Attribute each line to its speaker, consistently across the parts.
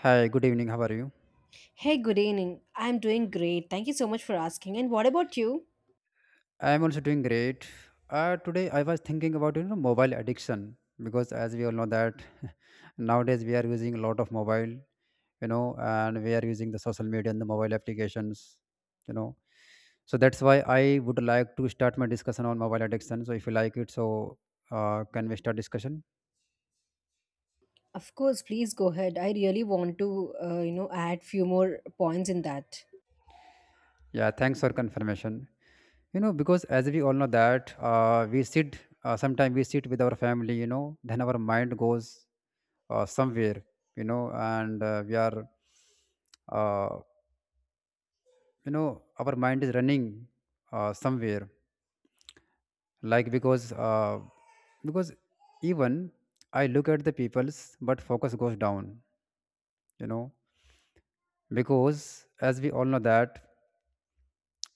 Speaker 1: Hi, good evening. How are you?
Speaker 2: Hey, good evening. I'm doing great. Thank you so much for asking. And what about you?
Speaker 1: I am also doing great. Today I was thinking about mobile addiction because as we all know that nowadays we are using a lot of mobile, and we are using the social media and the mobile applications, you know. So that's why I would like to start my discussion on mobile addiction. So if you like it, can we start discussion?
Speaker 2: Of course, please go ahead. I really want to, add few more points in that.
Speaker 1: Yeah, thanks for confirmation. Because as we all know that we sit, sometimes we sit with our family, then our mind goes somewhere, and we are uh, you know our mind is running somewhere, like because because even I look at the people's but focus goes down you know because as we all know that,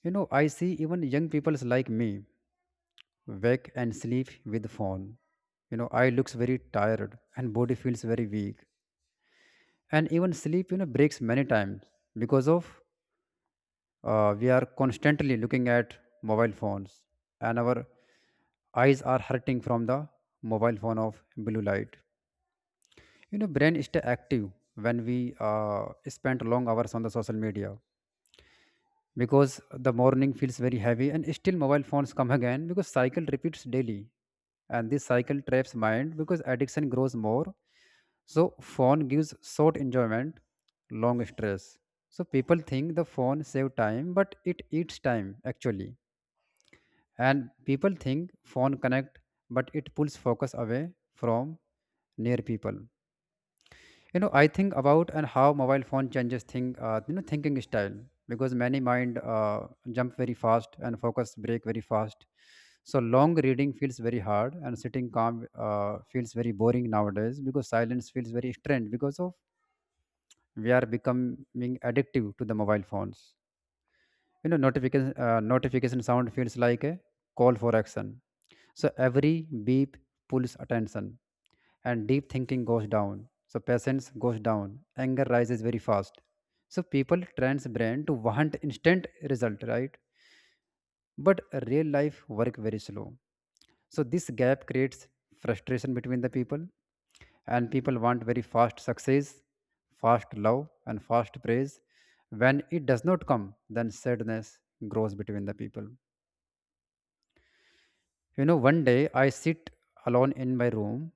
Speaker 1: I see even young people's like me wake and sleep with phone. Eye looks very tired and body feels very weak, and even sleep breaks many times because of. We are constantly looking at mobile phones, and our eyes are hurting from the mobile phone of blue light. You know, brain stay active when we spend long hours on the social media because the morning feels very heavy, and still mobile phones come again because cycle repeats daily, and this cycle traps mind because addiction grows more. So phone gives short enjoyment, long stress. So people think the phone save time, but it eats time actually. And people think phone connect, but it pulls focus away from near people. You know, I think about and how mobile phone changes thing, thinking style because many mind jump very fast and focus break very fast. So long reading feels very hard, and sitting calm feels very boring nowadays because silence feels very strange because of we are becoming addictive to the mobile phones. Notification sound feels like a call for action. So every beep pulls attention and deep thinking goes down, so patience goes down, anger rises very fast. So people trains brain to want instant result, right? But real life work very slow, so this gap creates frustration between the people, and people want very fast success, fast love and fast praise. When it does not come, then sadness grows between the people. One day I sit alone in my room.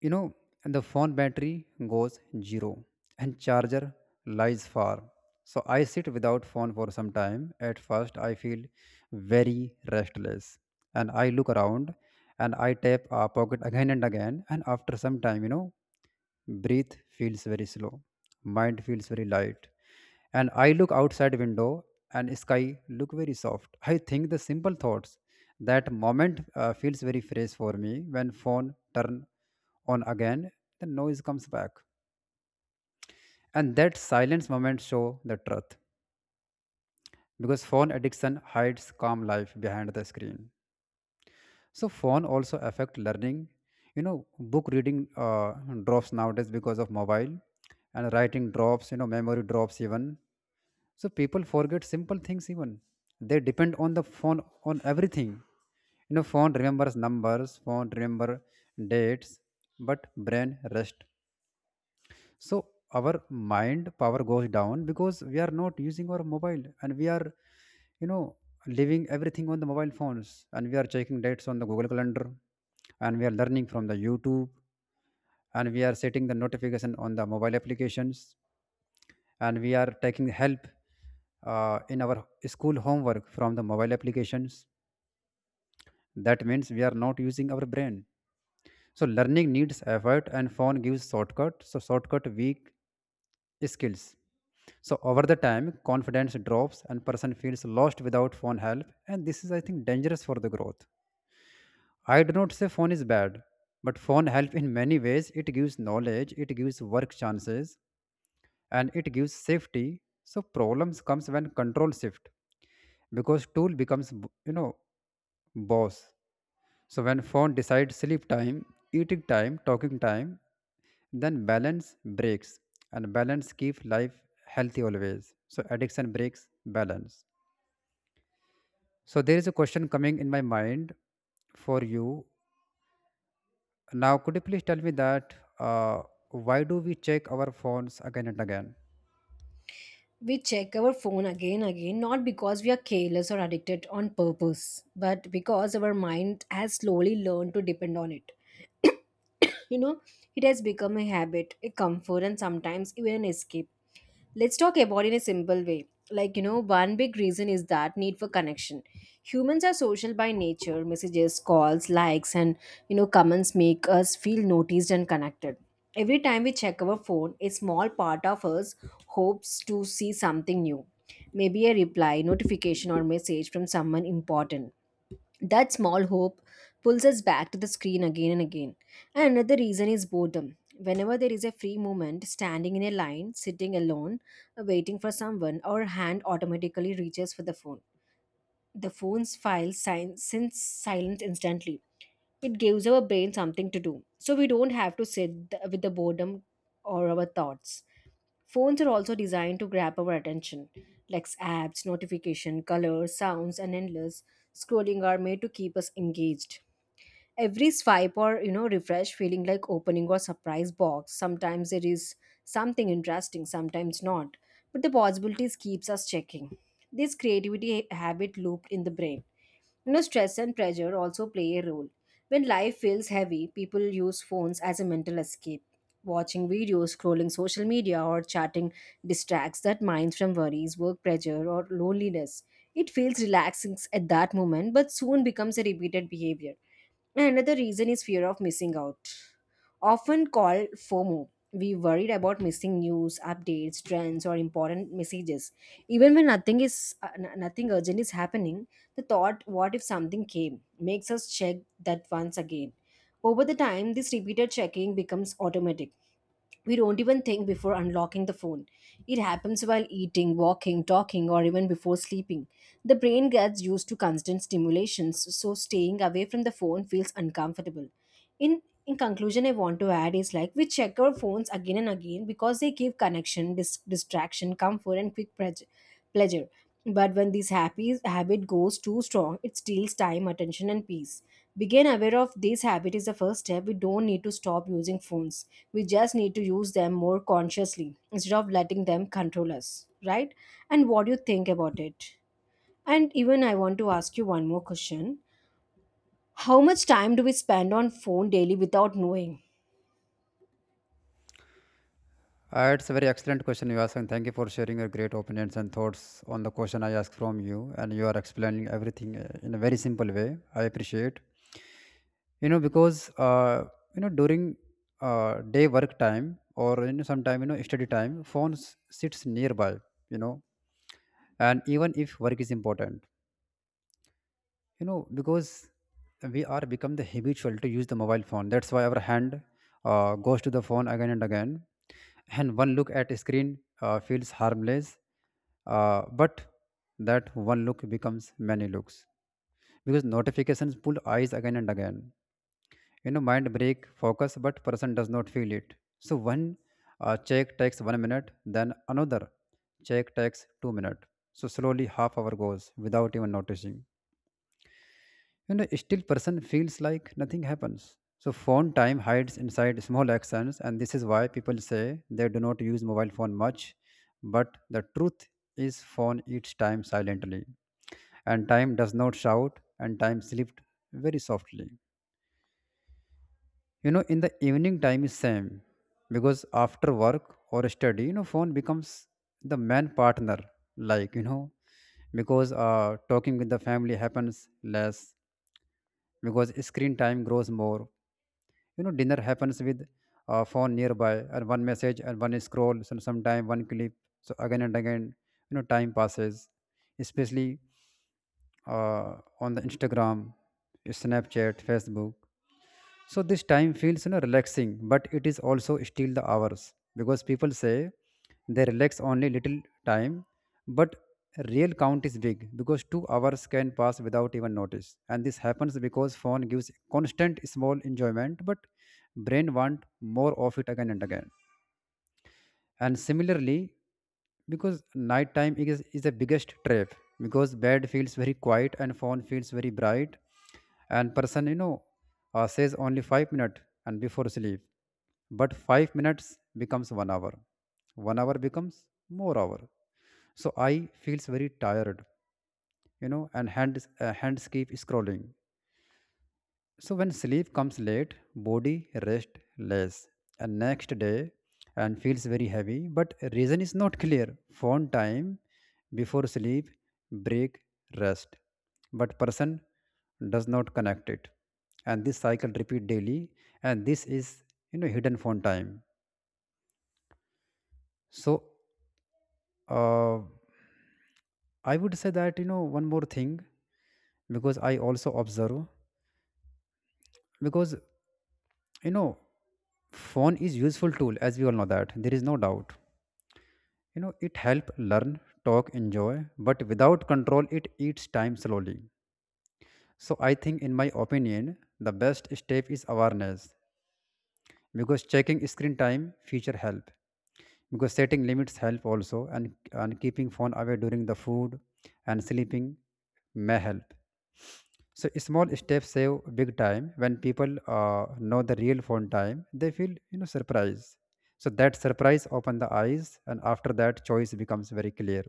Speaker 1: You know, the phone battery goes zero and charger lies far. So I sit without phone for some time. At first, I feel very restless, and I look around, and I tap a pocket again and again. And after some time, breath feels very slow, mind feels very light, and I look outside window, and sky look very soft. I think the simple thoughts. That moment feels very fresh for me. When phone turn on again, the noise comes back, and that silence moment show the truth because phone addiction hides calm life behind the screen. So phone also affect learning. you know book reading uh, drops nowadays because of mobile, and writing drops. Memory drops even. So people forget simple things even, they depend on the phone on everything. Phone remembers numbers, phone remember dates, but brain rest. So our mind power goes down because we are not using our mobile, and we are you know leaving everything on the mobile phones, and we are checking dates on the Google calendar, and we are learning from the YouTube, and we are setting the notification on the mobile applications, and we are taking help in our school homework from the mobile applications. That means we are not using our brain. So learning needs effort and phone gives shortcut. So shortcut weak skills. So over the time, confidence drops and person feels lost without phone help. And this is, I think, dangerous for the growth. I do not say phone is bad, but phone help in many ways. It gives knowledge, it gives work chances, and it gives safety. So problems comes when control shift because tool becomes, boss. So when phone decides sleep time, eating time, talking time, then balance breaks, and balance keep life healthy always. So addiction breaks balance. So there is a question coming in my mind for you. Now, could you please tell me that, why do we check our phones again and again?
Speaker 2: We check our phone again again not because we are careless or addicted on purpose, but because our mind has slowly learned to depend on it. you know, it has become a habit, a comfort, and sometimes even an escape. Let's talk about in a simple way. One big reason is that need for connection. Humans are social by nature. Messages, calls, likes, and, comments make us feel noticed and connected. Every time we check our phone, a small part of us hopes to see something new. Maybe a reply, notification, or message from someone important. That small hope pulls us back to the screen again and again. And another reason is boredom. Whenever there is a free moment, standing in a line, sitting alone, waiting for someone, our hand automatically reaches for the phone. The phone's file sign, since silent instantly. It gives our brain something to do, so we don't have to sit with the boredom or our thoughts. Phones are also designed to grab our attention, like apps, notification, colors, sounds, and endless scrolling are made to keep us engaged. Every swipe or refresh feeling like opening or surprise box. Sometimes there is something interesting, sometimes not, but the possibilities keeps us checking. This creativity habit looped in the brain. You know, stress and pressure also play a role. When life feels heavy, people use phones as a mental escape. Watching videos, scrolling social media, or chatting distracts that minds from worries, work pressure, or loneliness. It feels relaxing at that moment, but soon becomes a repeated behavior. And another reason is fear of missing out, often called FOMO. We worried about missing news, updates, trends, or important messages. Even when nothing is nothing urgent is happening, the thought "what if something came" makes us check that once again. Over the time, this repeated checking becomes automatic. We don't even think before unlocking the phone. It happens while eating, walking, talking, or even before sleeping. The brain gets used to constant stimulations, so staying away from the phone feels uncomfortable. In conclusion, I want to add is like we check our phones again and again because they give connection, distraction, comfort, and quick pleasure. But when this happy habit goes too strong, it steals time, attention, and peace. Begin aware of this habit is the first step. We don't need to stop using phones. We just need to use them more consciously instead of letting them control us, right? And what do you think about it? And even I want to ask you one more question. How much time do we spend on phone daily without knowing?
Speaker 1: It's a very excellent question you asked, and thank you for sharing your great opinions and thoughts on the question I asked from you. And you are explaining everything in a very simple way. I appreciate. Because during day work time, or sometime, study time, phones sits nearby. You know, and even if work is important, you know because we are become the habitual to use the mobile phone, that's why our hand goes to the phone again and again. And one look at a screen feels harmless, but that one look becomes many looks because notifications pull eyes again and again. Mind break focus but person does not feel it. So one check takes one minute, then another check takes 2 minutes, so slowly half hour goes without even noticing. Still person feels like nothing happens. So phone time hides inside small actions, and this is why people say they do not use mobile phone much. But the truth is, phone eats time silently, and time does not shout, and time slept very softly. You know, in the evening time is same, because after work or study, phone becomes the main partner. Like, because talking with the family happens less because screen time grows more. Dinner happens with a phone nearby, and one message and one scroll and sometime one clip, so again and again. Time passes, especially uh, on the Instagram, Snapchat, Facebook. So this time feels, relaxing, but it is also still the hours because people say they relax only little time, but real count is big because 2 hours can pass without even notice. And this happens because phone gives constant small enjoyment, but brain want more of it again and again. And similarly, because nighttime is the biggest trap because bed feels very quiet and phone feels very bright, and person, says only 5 minutes and before sleep, but 5 minutes becomes one hour, one hour becomes more hour. So I feels very tired. And hands keep scrolling. So when sleep comes late, body rests less, and next day and feels very heavy, but reason is not clear. Phone time before sleep, break, rest. But person does not connect it. And this cycle repeat daily, and this is, hidden phone time. So, uh, I would say that, one more thing, because I also observe, because, you know phone is useful tool, as we all know that there is no doubt. It help learn, talk, enjoy, but without control it eats time slowly. So I think, in my opinion, the best step is awareness, because checking screen time feature help, because setting limits help also, and keeping phone away during the food and sleeping may help. So small steps save big time. When people know the real phone time, they feel, surprise. So that surprise open the eyes, and after that choice becomes very clear.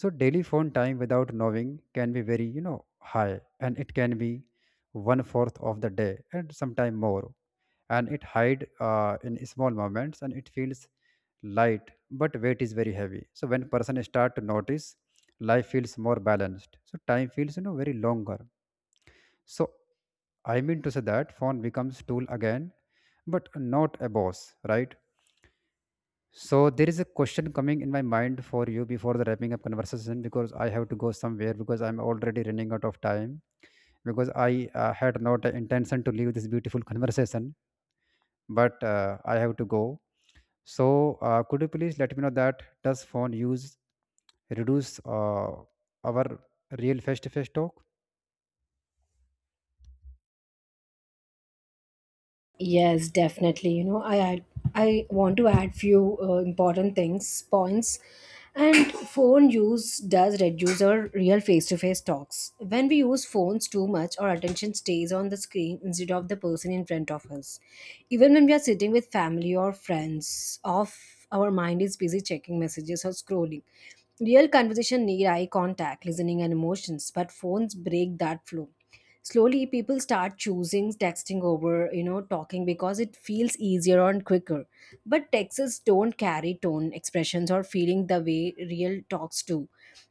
Speaker 1: So daily phone time without knowing can be very, high, and it can be one fourth of the day and sometime more, and it hide in small moments, and it feels light but weight is very heavy. So when person start to notice, life feels more balanced, so time feels, very longer. So I mean to say that phone becomes tool again, but not a boss, right? So there is a question coming in my mind for you before the wrapping up conversation, because I have to go somewhere because I'm already running out of time, because I had not the intention to leave this beautiful conversation, but I have to go. So could you please let me know that, does phone use reduce our real face-to-face talk?
Speaker 2: Yes, definitely. I want to add few important things points. And phone use does reduce our real face-to-face talks. When we use phones too much, our attention stays on the screen instead of the person in front of us. Even when we are sitting with family or friends, off our mind is busy checking messages or scrolling. Real conversation need eye contact, listening, and emotions, but phones break that flow. Slowly people start choosing texting over talking because it feels easier and quicker, but texts don't carry tone, expressions, or feeling the way real talks do.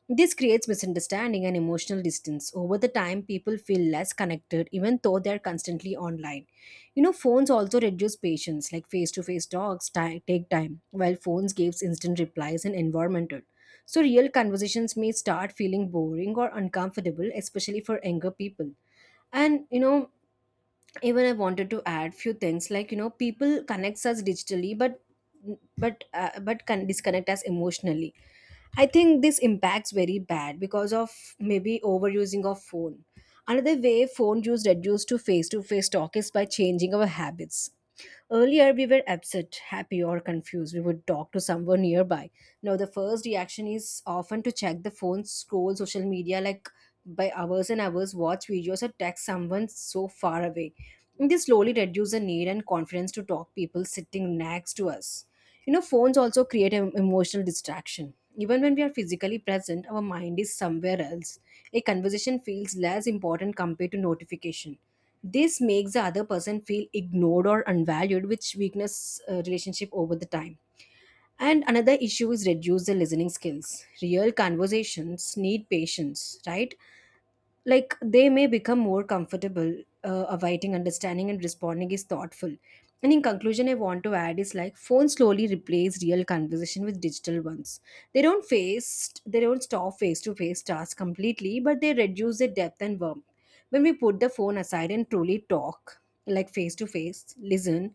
Speaker 2: This creates misunderstanding and emotional distance. Over the time, people feel less connected even though they're constantly online. You know, phones also reduce patience. Like face-to-face talks take time, while phones gives instant replies and environmental. So real conversations may start feeling boring or uncomfortable, especially for younger people. And even I wanted to add few things. People connects us digitally, but can disconnect us emotionally. I think this impacts very bad because of maybe overusing of phone. Another way phone use reduced to face talk is by changing our habits. Earlier, we were upset, happy, or confused. We would talk to someone nearby. Now, the first reaction is often to check the phone, scroll social media like by hours and hours, watch videos, or text someone so far away. This slowly reduces the need and confidence to talk people sitting next to us. You know, phones also create an emotional distraction. Even when we are physically present, our mind is somewhere else. A conversation feels less important compared to notification. This makes the other person feel ignored or unvalued, which weakness relationship over the time. And another issue is reduce the listening skills. Real conversations need patience, right? Like they may become more comfortable, awaiting understanding and responding is thoughtful. And in conclusion, I want to add is like phones slowly replace real conversation with digital ones. They don't face they don't stop face to face tasks completely, but they reduce their depth and warmth. When we put the phone aside and truly talk, like face to face, listen,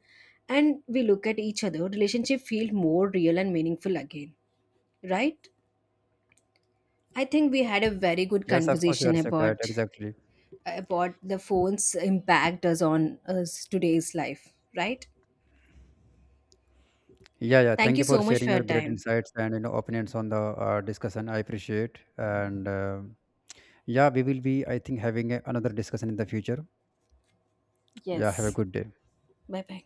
Speaker 2: and we look at each other, relationship feel more real and meaningful again, right? I think we had a very good
Speaker 1: Yes, of course you
Speaker 2: conversation
Speaker 1: are so correct. Exactly.
Speaker 2: about the phone's impact does on us today's life, right?
Speaker 1: Yeah, yeah.
Speaker 2: Thank
Speaker 1: Thank
Speaker 2: you
Speaker 1: you for
Speaker 2: so much for
Speaker 1: sharing
Speaker 2: your
Speaker 1: your great
Speaker 2: time.
Speaker 1: insights and, opinions on the discussion. I appreciate and. Yeah, we will be, I think, having another discussion in the future. Yeah, have a
Speaker 2: Yes.
Speaker 1: good day.
Speaker 2: Bye bye.